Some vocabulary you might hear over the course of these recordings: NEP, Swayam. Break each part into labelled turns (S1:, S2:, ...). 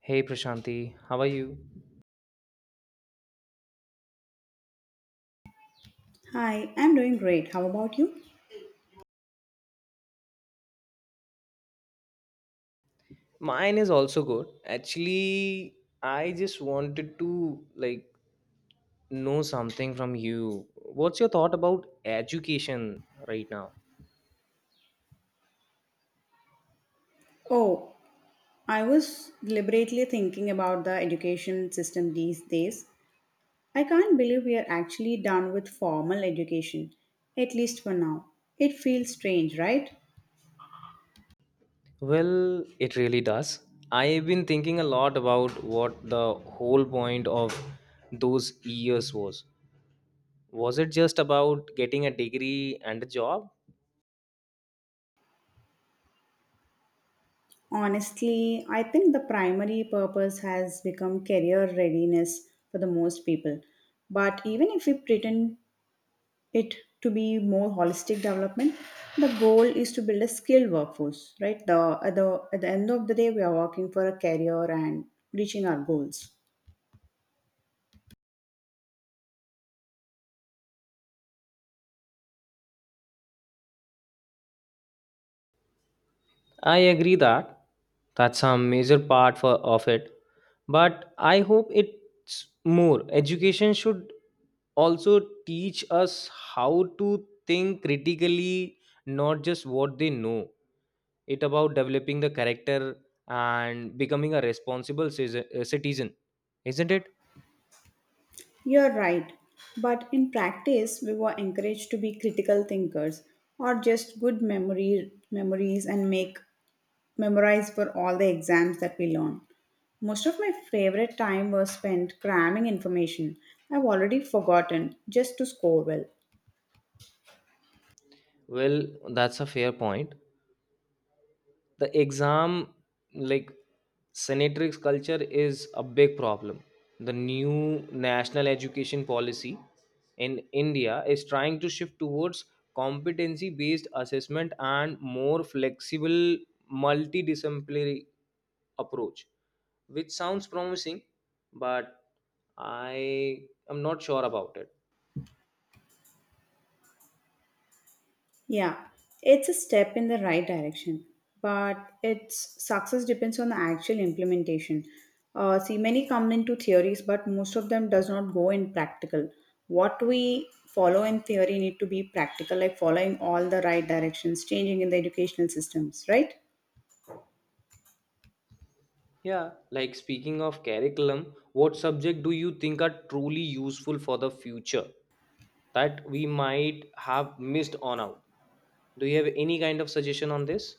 S1: Hey Prashanti, how are you?
S2: Hi, I'm doing great. How about you?
S1: Mine is also good. Actually, I just wanted to know something from you. What's your thought about education right now?
S2: Oh, I was deliberately thinking about the education system these days. I can't believe we are actually done with formal education, at least for now. It feels strange, right?
S1: Well, it really does. I've been thinking a lot about what the whole point of those years was. Was it just about getting a degree and a job?
S2: Honestly, I think the primary purpose has become career readiness for the most people. But even if we pretend it to be more holistic development, the goal is to build a skilled workforce, right, the at the at the end of the day we are working for a career and reaching our goals.
S1: I agree that that's a major part of it, but I hope it's more. Education should also teach us how to think critically, not just what they know. It about developing the character and becoming a responsible citizen, isn't it?
S2: You're right, but in practice we were encouraged to be critical thinkers or just good memory memories and make memorize for all the exams that we learn. Most of my favorite time was spent cramming information I've already forgotten just to score well.
S1: Well, that's a fair point. The exam, like, sanitary culture is a big problem. The new national education policy in India is trying to shift towards competency based assessment and more flexible multidisciplinary approach, which sounds promising, but I am not sure about it.
S2: Yeah, it's a step in the right direction, but its success depends on the actual implementation. See, many come into theories, but most of them does not go in practical. What we follow in theory need to be practical, like following all the right directions, changing in the educational systems, right?
S1: Yeah, like speaking of curriculum, what subject do you think are truly useful for the future that we might have missed on out? Do you have any kind of suggestion on this?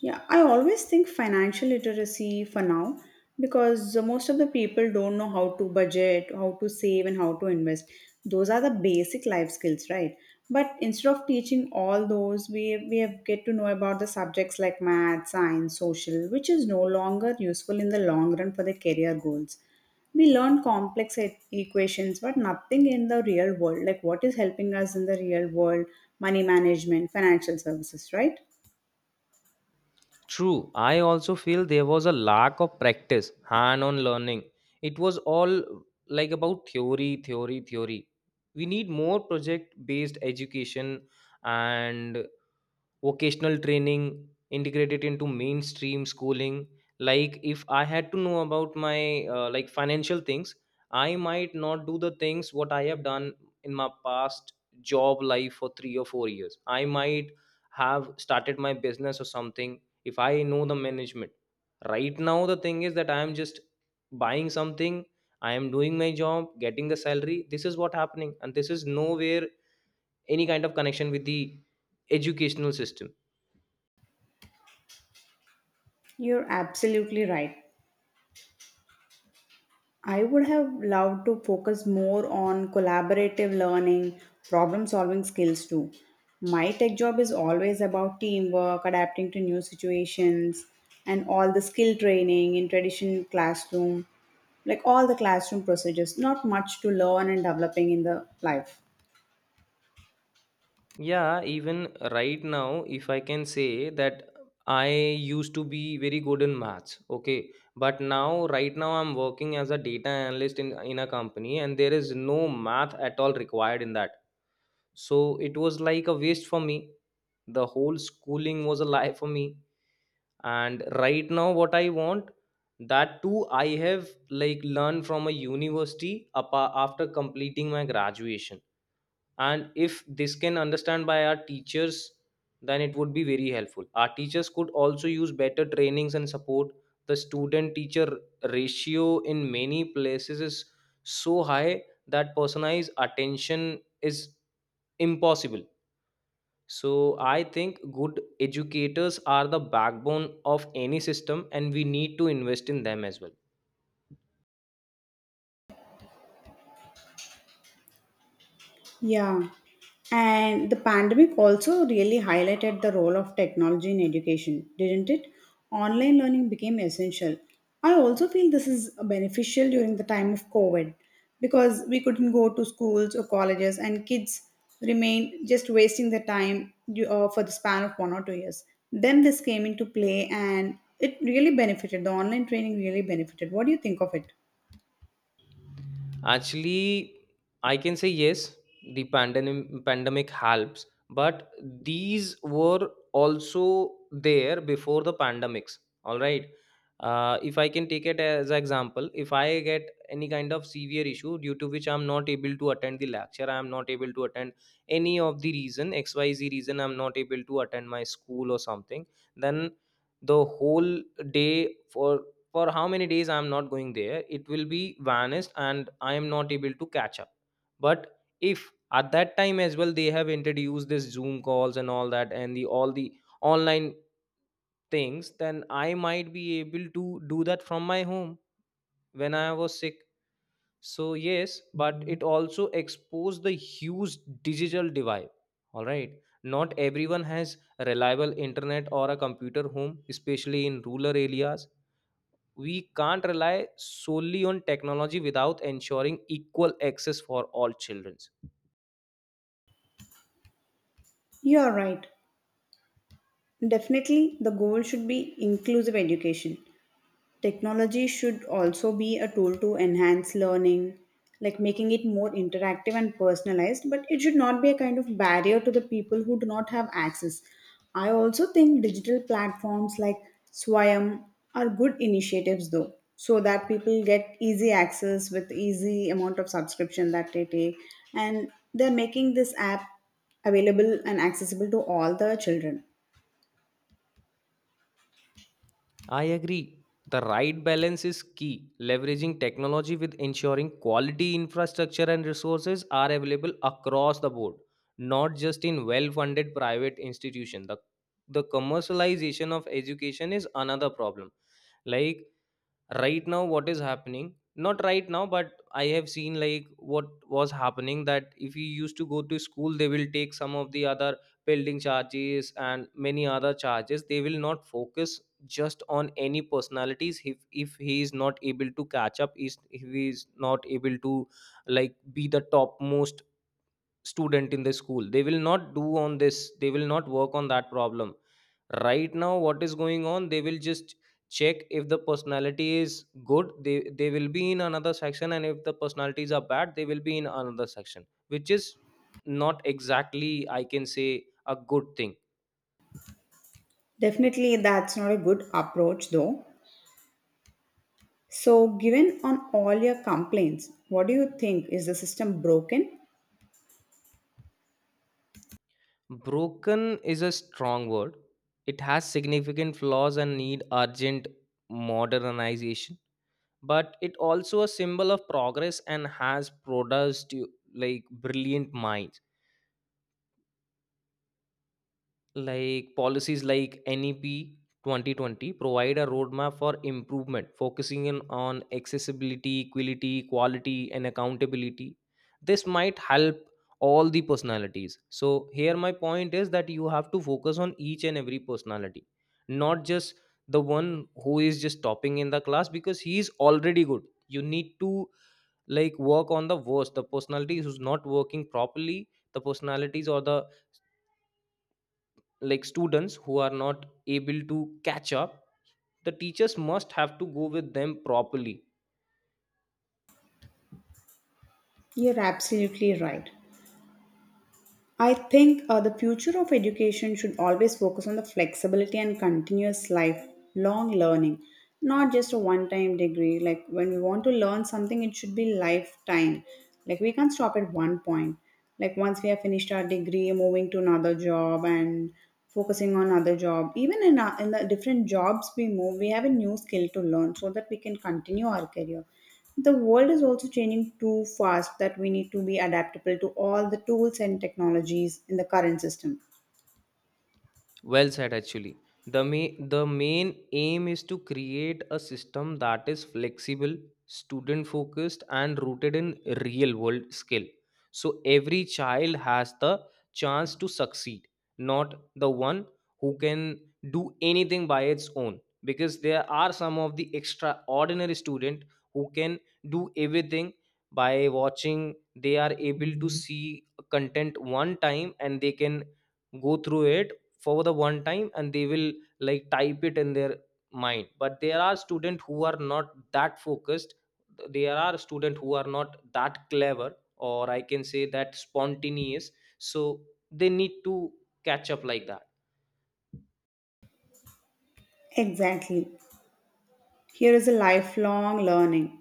S2: Yeah, I always think financial literacy for now, because the most of the people don't know how to budget, how to save, and how to invest. Those are the basic life skills, right? But instead of teaching all those, we have get to know about the subjects like math, science, social, which is no longer useful in the long run for the career goals. We learn complex equations, but nothing in the real world, like what is helping us in the real world, money management, financial services, right?
S1: True, I also feel there was a lack of practice, hand on learning. It was all like about theory, theory, theory. We need more project based education and vocational training integrated into mainstream schooling. Like, if I had to know about my financial things, I might not do the things what I have done in my past job life for 3 or 4 years. I might have started my business or something if I know the management. Right now the thing is that I am just buying something, I am doing my job, getting the salary. This is what happening and this is nowhere any kind of connection with the educational system.
S2: You're absolutely right. I would have loved to focus more on collaborative learning, problem solving skills too. My tech job is always about teamwork, adapting to new situations, and all the skill training in traditional classroom, like all the classroom procedures. Not much to learn and developing in the life.
S1: Yeah, even right now, if I can say that, I used to be very good in maths, okay, but now right now I'm working as a data analyst in a company and there is no math at all required in that. So it was like a waste for me. The whole schooling was a lie for me. And right now what I want, that too I have like learned from a university after completing my graduation. And if this can understand by our teachers, then it would be very helpful. Our teachers could also use better trainings and support. The student teacher ratio in many places is so high that personalized attention is impossible. So I think good educators are the backbone of any system and we need to invest in them as well.
S2: Yeah. And the pandemic also really highlighted the role of technology in education, didn't it? Online learning became essential. I also feel this is beneficial during the time of COVID, because we couldn't go to schools or colleges and kids remained just wasting their time for the span of 1 or 2 years. Then this came into play and it really benefited. The online training really benefited. What do you think of it?
S1: Actually, I can say yes, the pandemic helps, but these were also there before the pandemics. All right. If I can take it as an example, if I get any kind of severe issue due to which I'm not able to attend the lecture, I'm not able to attend any of the reason, XYZ reason, I'm not able to attend my school or something, then the whole day for how many days I am not going there, it will be vanished and I am not able to catch up. But if at that time as well they have introduced this Zoom calls and all that and the all the online things, then I might be able to do that from my home when I was sick. So yes, but it also exposed the huge digital divide. All right. Not everyone has reliable internet or a computer home, especially in rural areas. We can't rely solely on technology without ensuring equal access for all children.
S2: You are right. Definitely, the goal should be inclusive education. Technology should also be a tool to enhance learning, like making it more interactive and personalized, but it should not be a kind of barrier to the people who do not have access. I also think digital platforms like Swayam are good initiatives though, so that people get easy access with easy amount of subscription that they take, and they're making this app available and accessible to all the children.
S1: I agree. The right balance is key. Leveraging technology with ensuring quality infrastructure and resources are available across the board, not just in well funded private institutions. The commercialization of education is another problem. Like right now what is happening, not right now but I have seen like what was happening, that if you used to go to school they will take some of the other building charges and many other charges. They will not focus just on any personalities. If he is not able to catch up, is if he is not able to like be the topmost student in the school, they will not do on this, they will not work on that problem. Right now what is going on, they will just check if the personality is good, they will be in another section, and if the personalities are bad they will be in another section, which is not exactly I can say a good thing.
S2: Definitely, that's not a good approach though. So, given on all your complaints, what do you think? Is the system broken?
S1: Broken is a strong word. It has significant flaws and need urgent modernization, but it also a symbol of progress and has produced like brilliant minds. Like policies like NEP 2020 provide a roadmap for improvement, focusing in on accessibility, equality, quality, and accountability. This might help all the personalities. So, here my point is that you have to focus on each and every personality, not just the one who is just topping in the class because he is already good. You need to like work on the worst, the personality who's not working properly, the personalities or the like students who are not able to catch up. The teachers must have to go with them properly.
S2: You're absolutely right. I think the future of education should always focus on the flexibility and continuous lifelong learning, not just a one time degree. Like when we want to learn something, it should be lifetime. Like we can't stop at one point. Like once we have finished our degree, moving to another job and focusing on another job. Even in, our, in the different jobs we move, we have a new skill to learn so that we can continue our career. The world is also changing too fast that we need to be adaptable to all the tools and technologies in the current system.
S1: Well said, actually. The main aim is to create a system that is flexible, student focused, and rooted in real world skill. So every child has the chance to succeed, not the one who can do anything by its own. Because there are some of the extraordinary student who can do everything by watching. They are able to see content one time and they can go through it for the one time and they will like type it in their mind. But there are students who are not that focused, there are students who are not that clever, or I can say that spontaneous. So they need to catch up like that.
S2: Exactly. Here is a lifelong learning.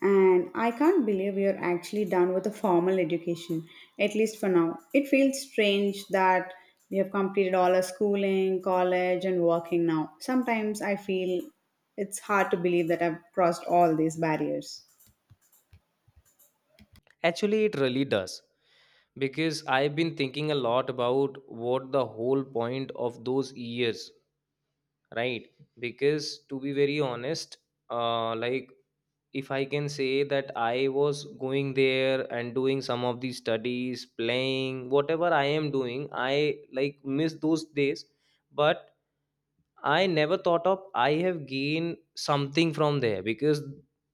S2: And I can't believe we are actually done with a formal education, at least for now. It feels strange that we have completed all our schooling, college, and working now. Sometimes I feel it's hard to believe that I've crossed all these barriers.
S1: Actually, it really does, because I've been thinking a lot about what the whole point of those years, right? Because to be very honest, uh like if I can say that I was going there and doing some of these studies, playing, whatever I am doing, I like miss those days. But I never thought of I have gained something from there because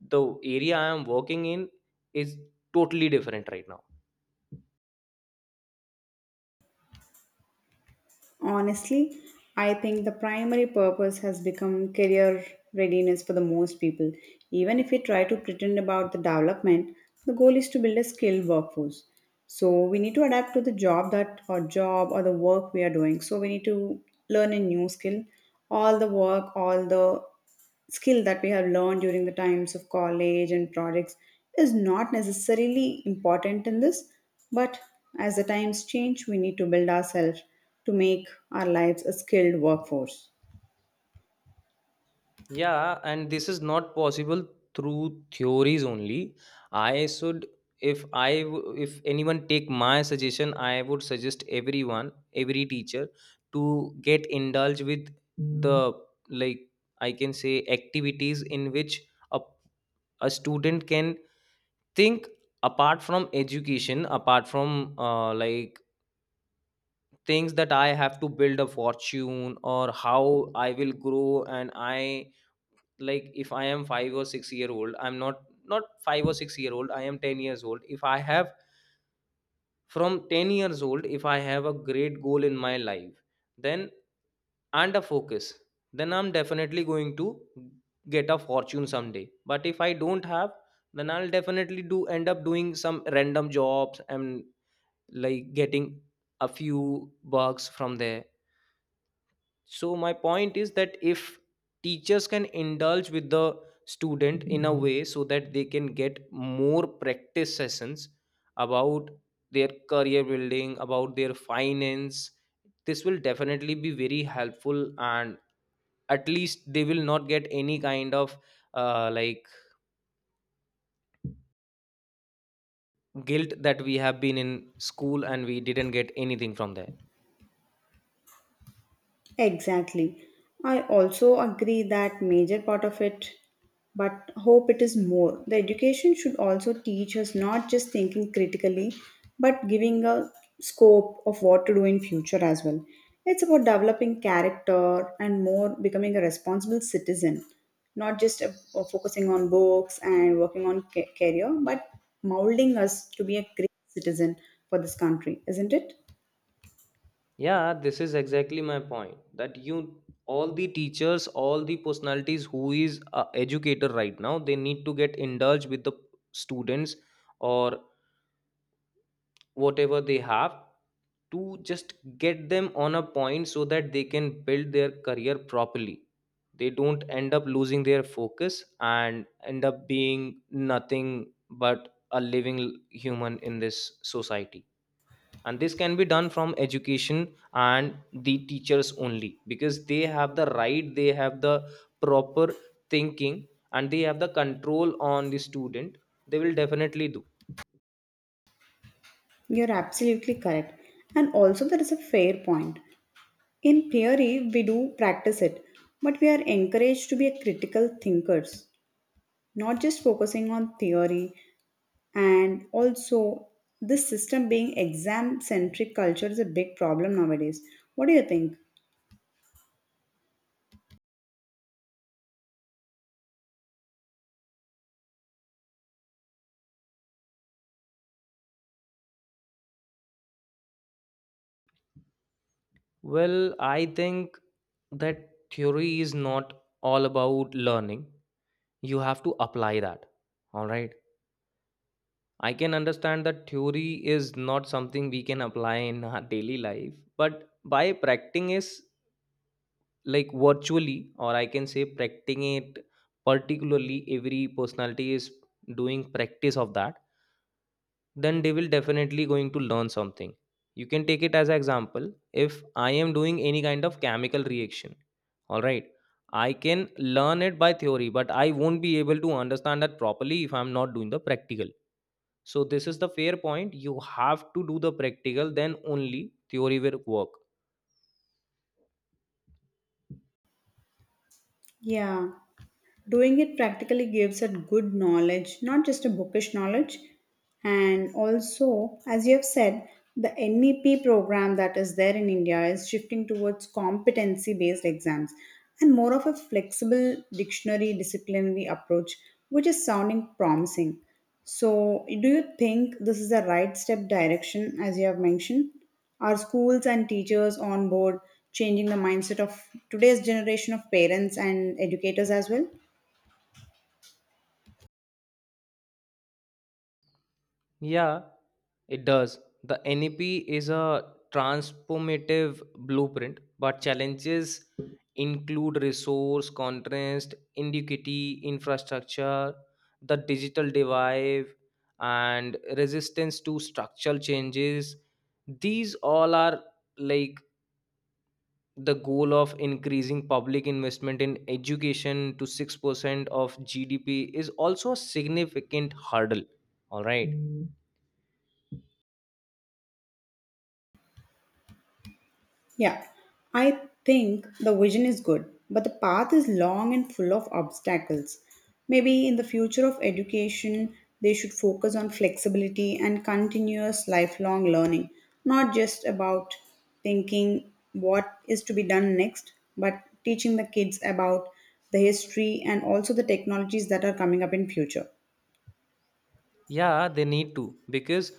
S1: the area I am working in is totally different right now.
S2: Honestly, I think the primary purpose has become career readiness for the most people. Even if we try to pretend about the development, the goal is to build a skilled workforce. So we need to adapt to the job that or job or the work we are doing. So we need to learn a new skill, all the work, all the skill that we have learned during the times of college and projects is not necessarily important in this, but as the times change we need to build ourselves to make our lives a skilled workforce.
S1: Yeah, and this is not possible through theories only. I should, if I, w- if anyone take my suggestion, I would suggest everyone, every teacher, to get indulged with the like, I can say, activities in which a a student can think apart from education, apart from things that I have to build a fortune or how I will grow. And I like, if I am 5 or 6-year old, i'm not not 5 or 6 year old I am 10 years old, if I have from 10 years old, if I have a great goal in my life, then, and a focus, then I'm definitely going to get a fortune someday. But if I don't have, then I'll definitely do end up doing some random jobs and like getting a few bucks from there. So my point is that if teachers can indulge with the student in a way so that they can get more practice sessions about their career building, about their finance, this will definitely be very helpful. And at least they will not get any kind of uh, like guilt that we have been in school and we didn't get anything from there.
S2: Exactly. I also agree that major part of it, but hope it is more. The education should also teach us not just thinking critically, but giving a scope of what to do in future as well. It's about developing character and more becoming a responsible citizen, not just focusing on books and working on career, but molding us to be a great citizen for this country, isn't it?
S1: Yeah, this is exactly my point, that you all the teachers, all the personalities who is a educator right now, they need to get indulged with the students or whatever they have, to just get them on a point so that they can build their career properly. They don't end up losing their focus and end up being nothing but a living human in this society. And this can be done from education and the teachers only, because they have the right, they have the proper thinking, and they have the control on the student. They will definitely do.
S2: You're absolutely correct. And also, there is a fair point. In theory, we do practice it, but we are encouraged to be a critical thinkers, not just focusing on theory. And also, this system being exam centric culture is a big problem nowadays. What do you think?
S1: Well, I think that theory is not all about learning. You have to apply that. All right, I can understand that theory is not something we can apply in our daily life, but by practicing is like virtually, or I can say practicing it particularly. Every personality is doing practice of that, then they will definitely going to learn something. You can take it as an example. If I am doing any kind of chemical reaction, all right, I can learn it by theory, but I won't be able to understand that properly if I'm not doing the practical. So this is the fair point. You have to do the practical, then only theory will work.
S2: Yeah. Doing it practically gives a good knowledge, not just a bookish knowledge. And also, as you have said, the NEP program that is there in India is shifting towards competency based exams and more of a flexible dictionary disciplinary approach, which is sounding promising. So do you think this is the right step direction? As you have mentioned, are schools and teachers on board, changing the mindset of today's generation of parents and educators as well?
S1: Yeah, it does. The NEP is a transformative blueprint, but challenges include resource, contrast, inequity, infrastructure, the digital divide, and resistance to structural changes. These all are like, the goal of increasing public investment in education to 6% of GDP is also a significant hurdle. All right.
S2: Yeah, I think the vision is good, but the path is long and full of obstacles. Maybe in the future of education, they should focus on flexibility and continuous lifelong learning, not just about thinking what is to be done next, but teaching the kids about the history and also the technologies that are coming up in future.
S1: Yeah, they need to, because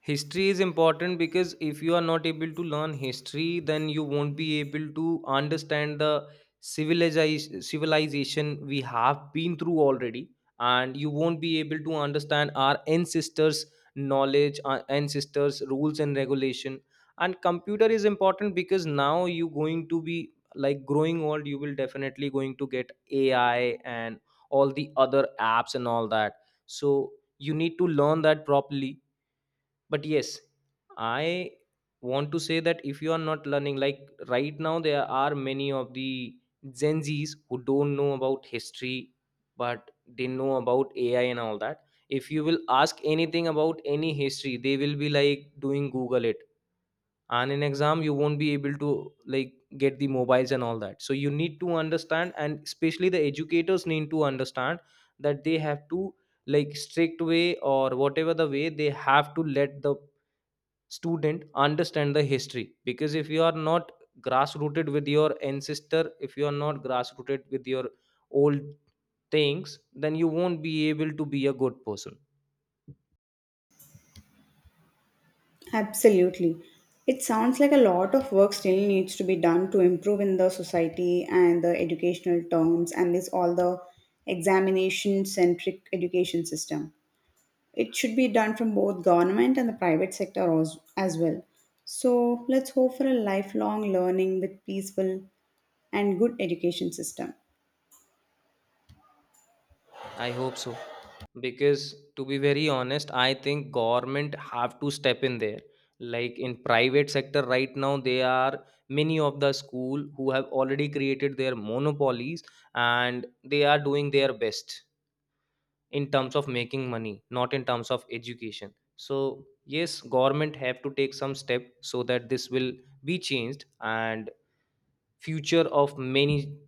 S1: history is important. Because if you are not able to learn history, then you won't be able to understand the civilization we have been through already, and you won't be able to understand our ancestors' knowledge, our ancestors' rules and regulation. And computer is important because now you going to be like growing old. You will definitely going to get AI and all the other apps and all that, so you need to learn that properly. But yes, I want to say that if you are not learning like right now, there are many of the Gen Z's who don't know about history, but they know about AI and all that. If you will ask anything about any history, they will be like doing Google it. And in exam, you won't be able to like get the mobiles and all that. So you need to understand, and especially the educators need to understand that they have to like strict way or whatever the way, they have to let the student understand the history. Because if you are not grass rooted with your ancestor, if you are not grass rooted with your old things, then you won't be able to be a good person.
S2: Absolutely. It sounds like a lot of work still needs to be done to improve in the society and the educational terms and this all the examination centric education system. It should be done from both government and the private sector, as well. So let's hope for a lifelong learning with peaceful and good education system.
S1: I hope so. Because to be very honest, I think government have to step in there. Like in private sector right now, they are many of the school who have already created their monopolies and they are doing their best in terms of making money, not in terms of education. So yes, government have to take some step so that this will be changed, and future of many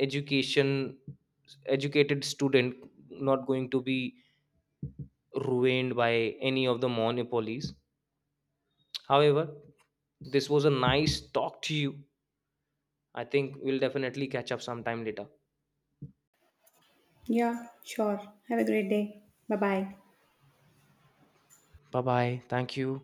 S1: education educated student not going to be ruined by any of the monopolies. However, this was a nice talk to you. I think we'll definitely catch up sometime later.
S2: Yeah, sure. Have a great day. Bye bye.
S1: Bye bye. Thank you.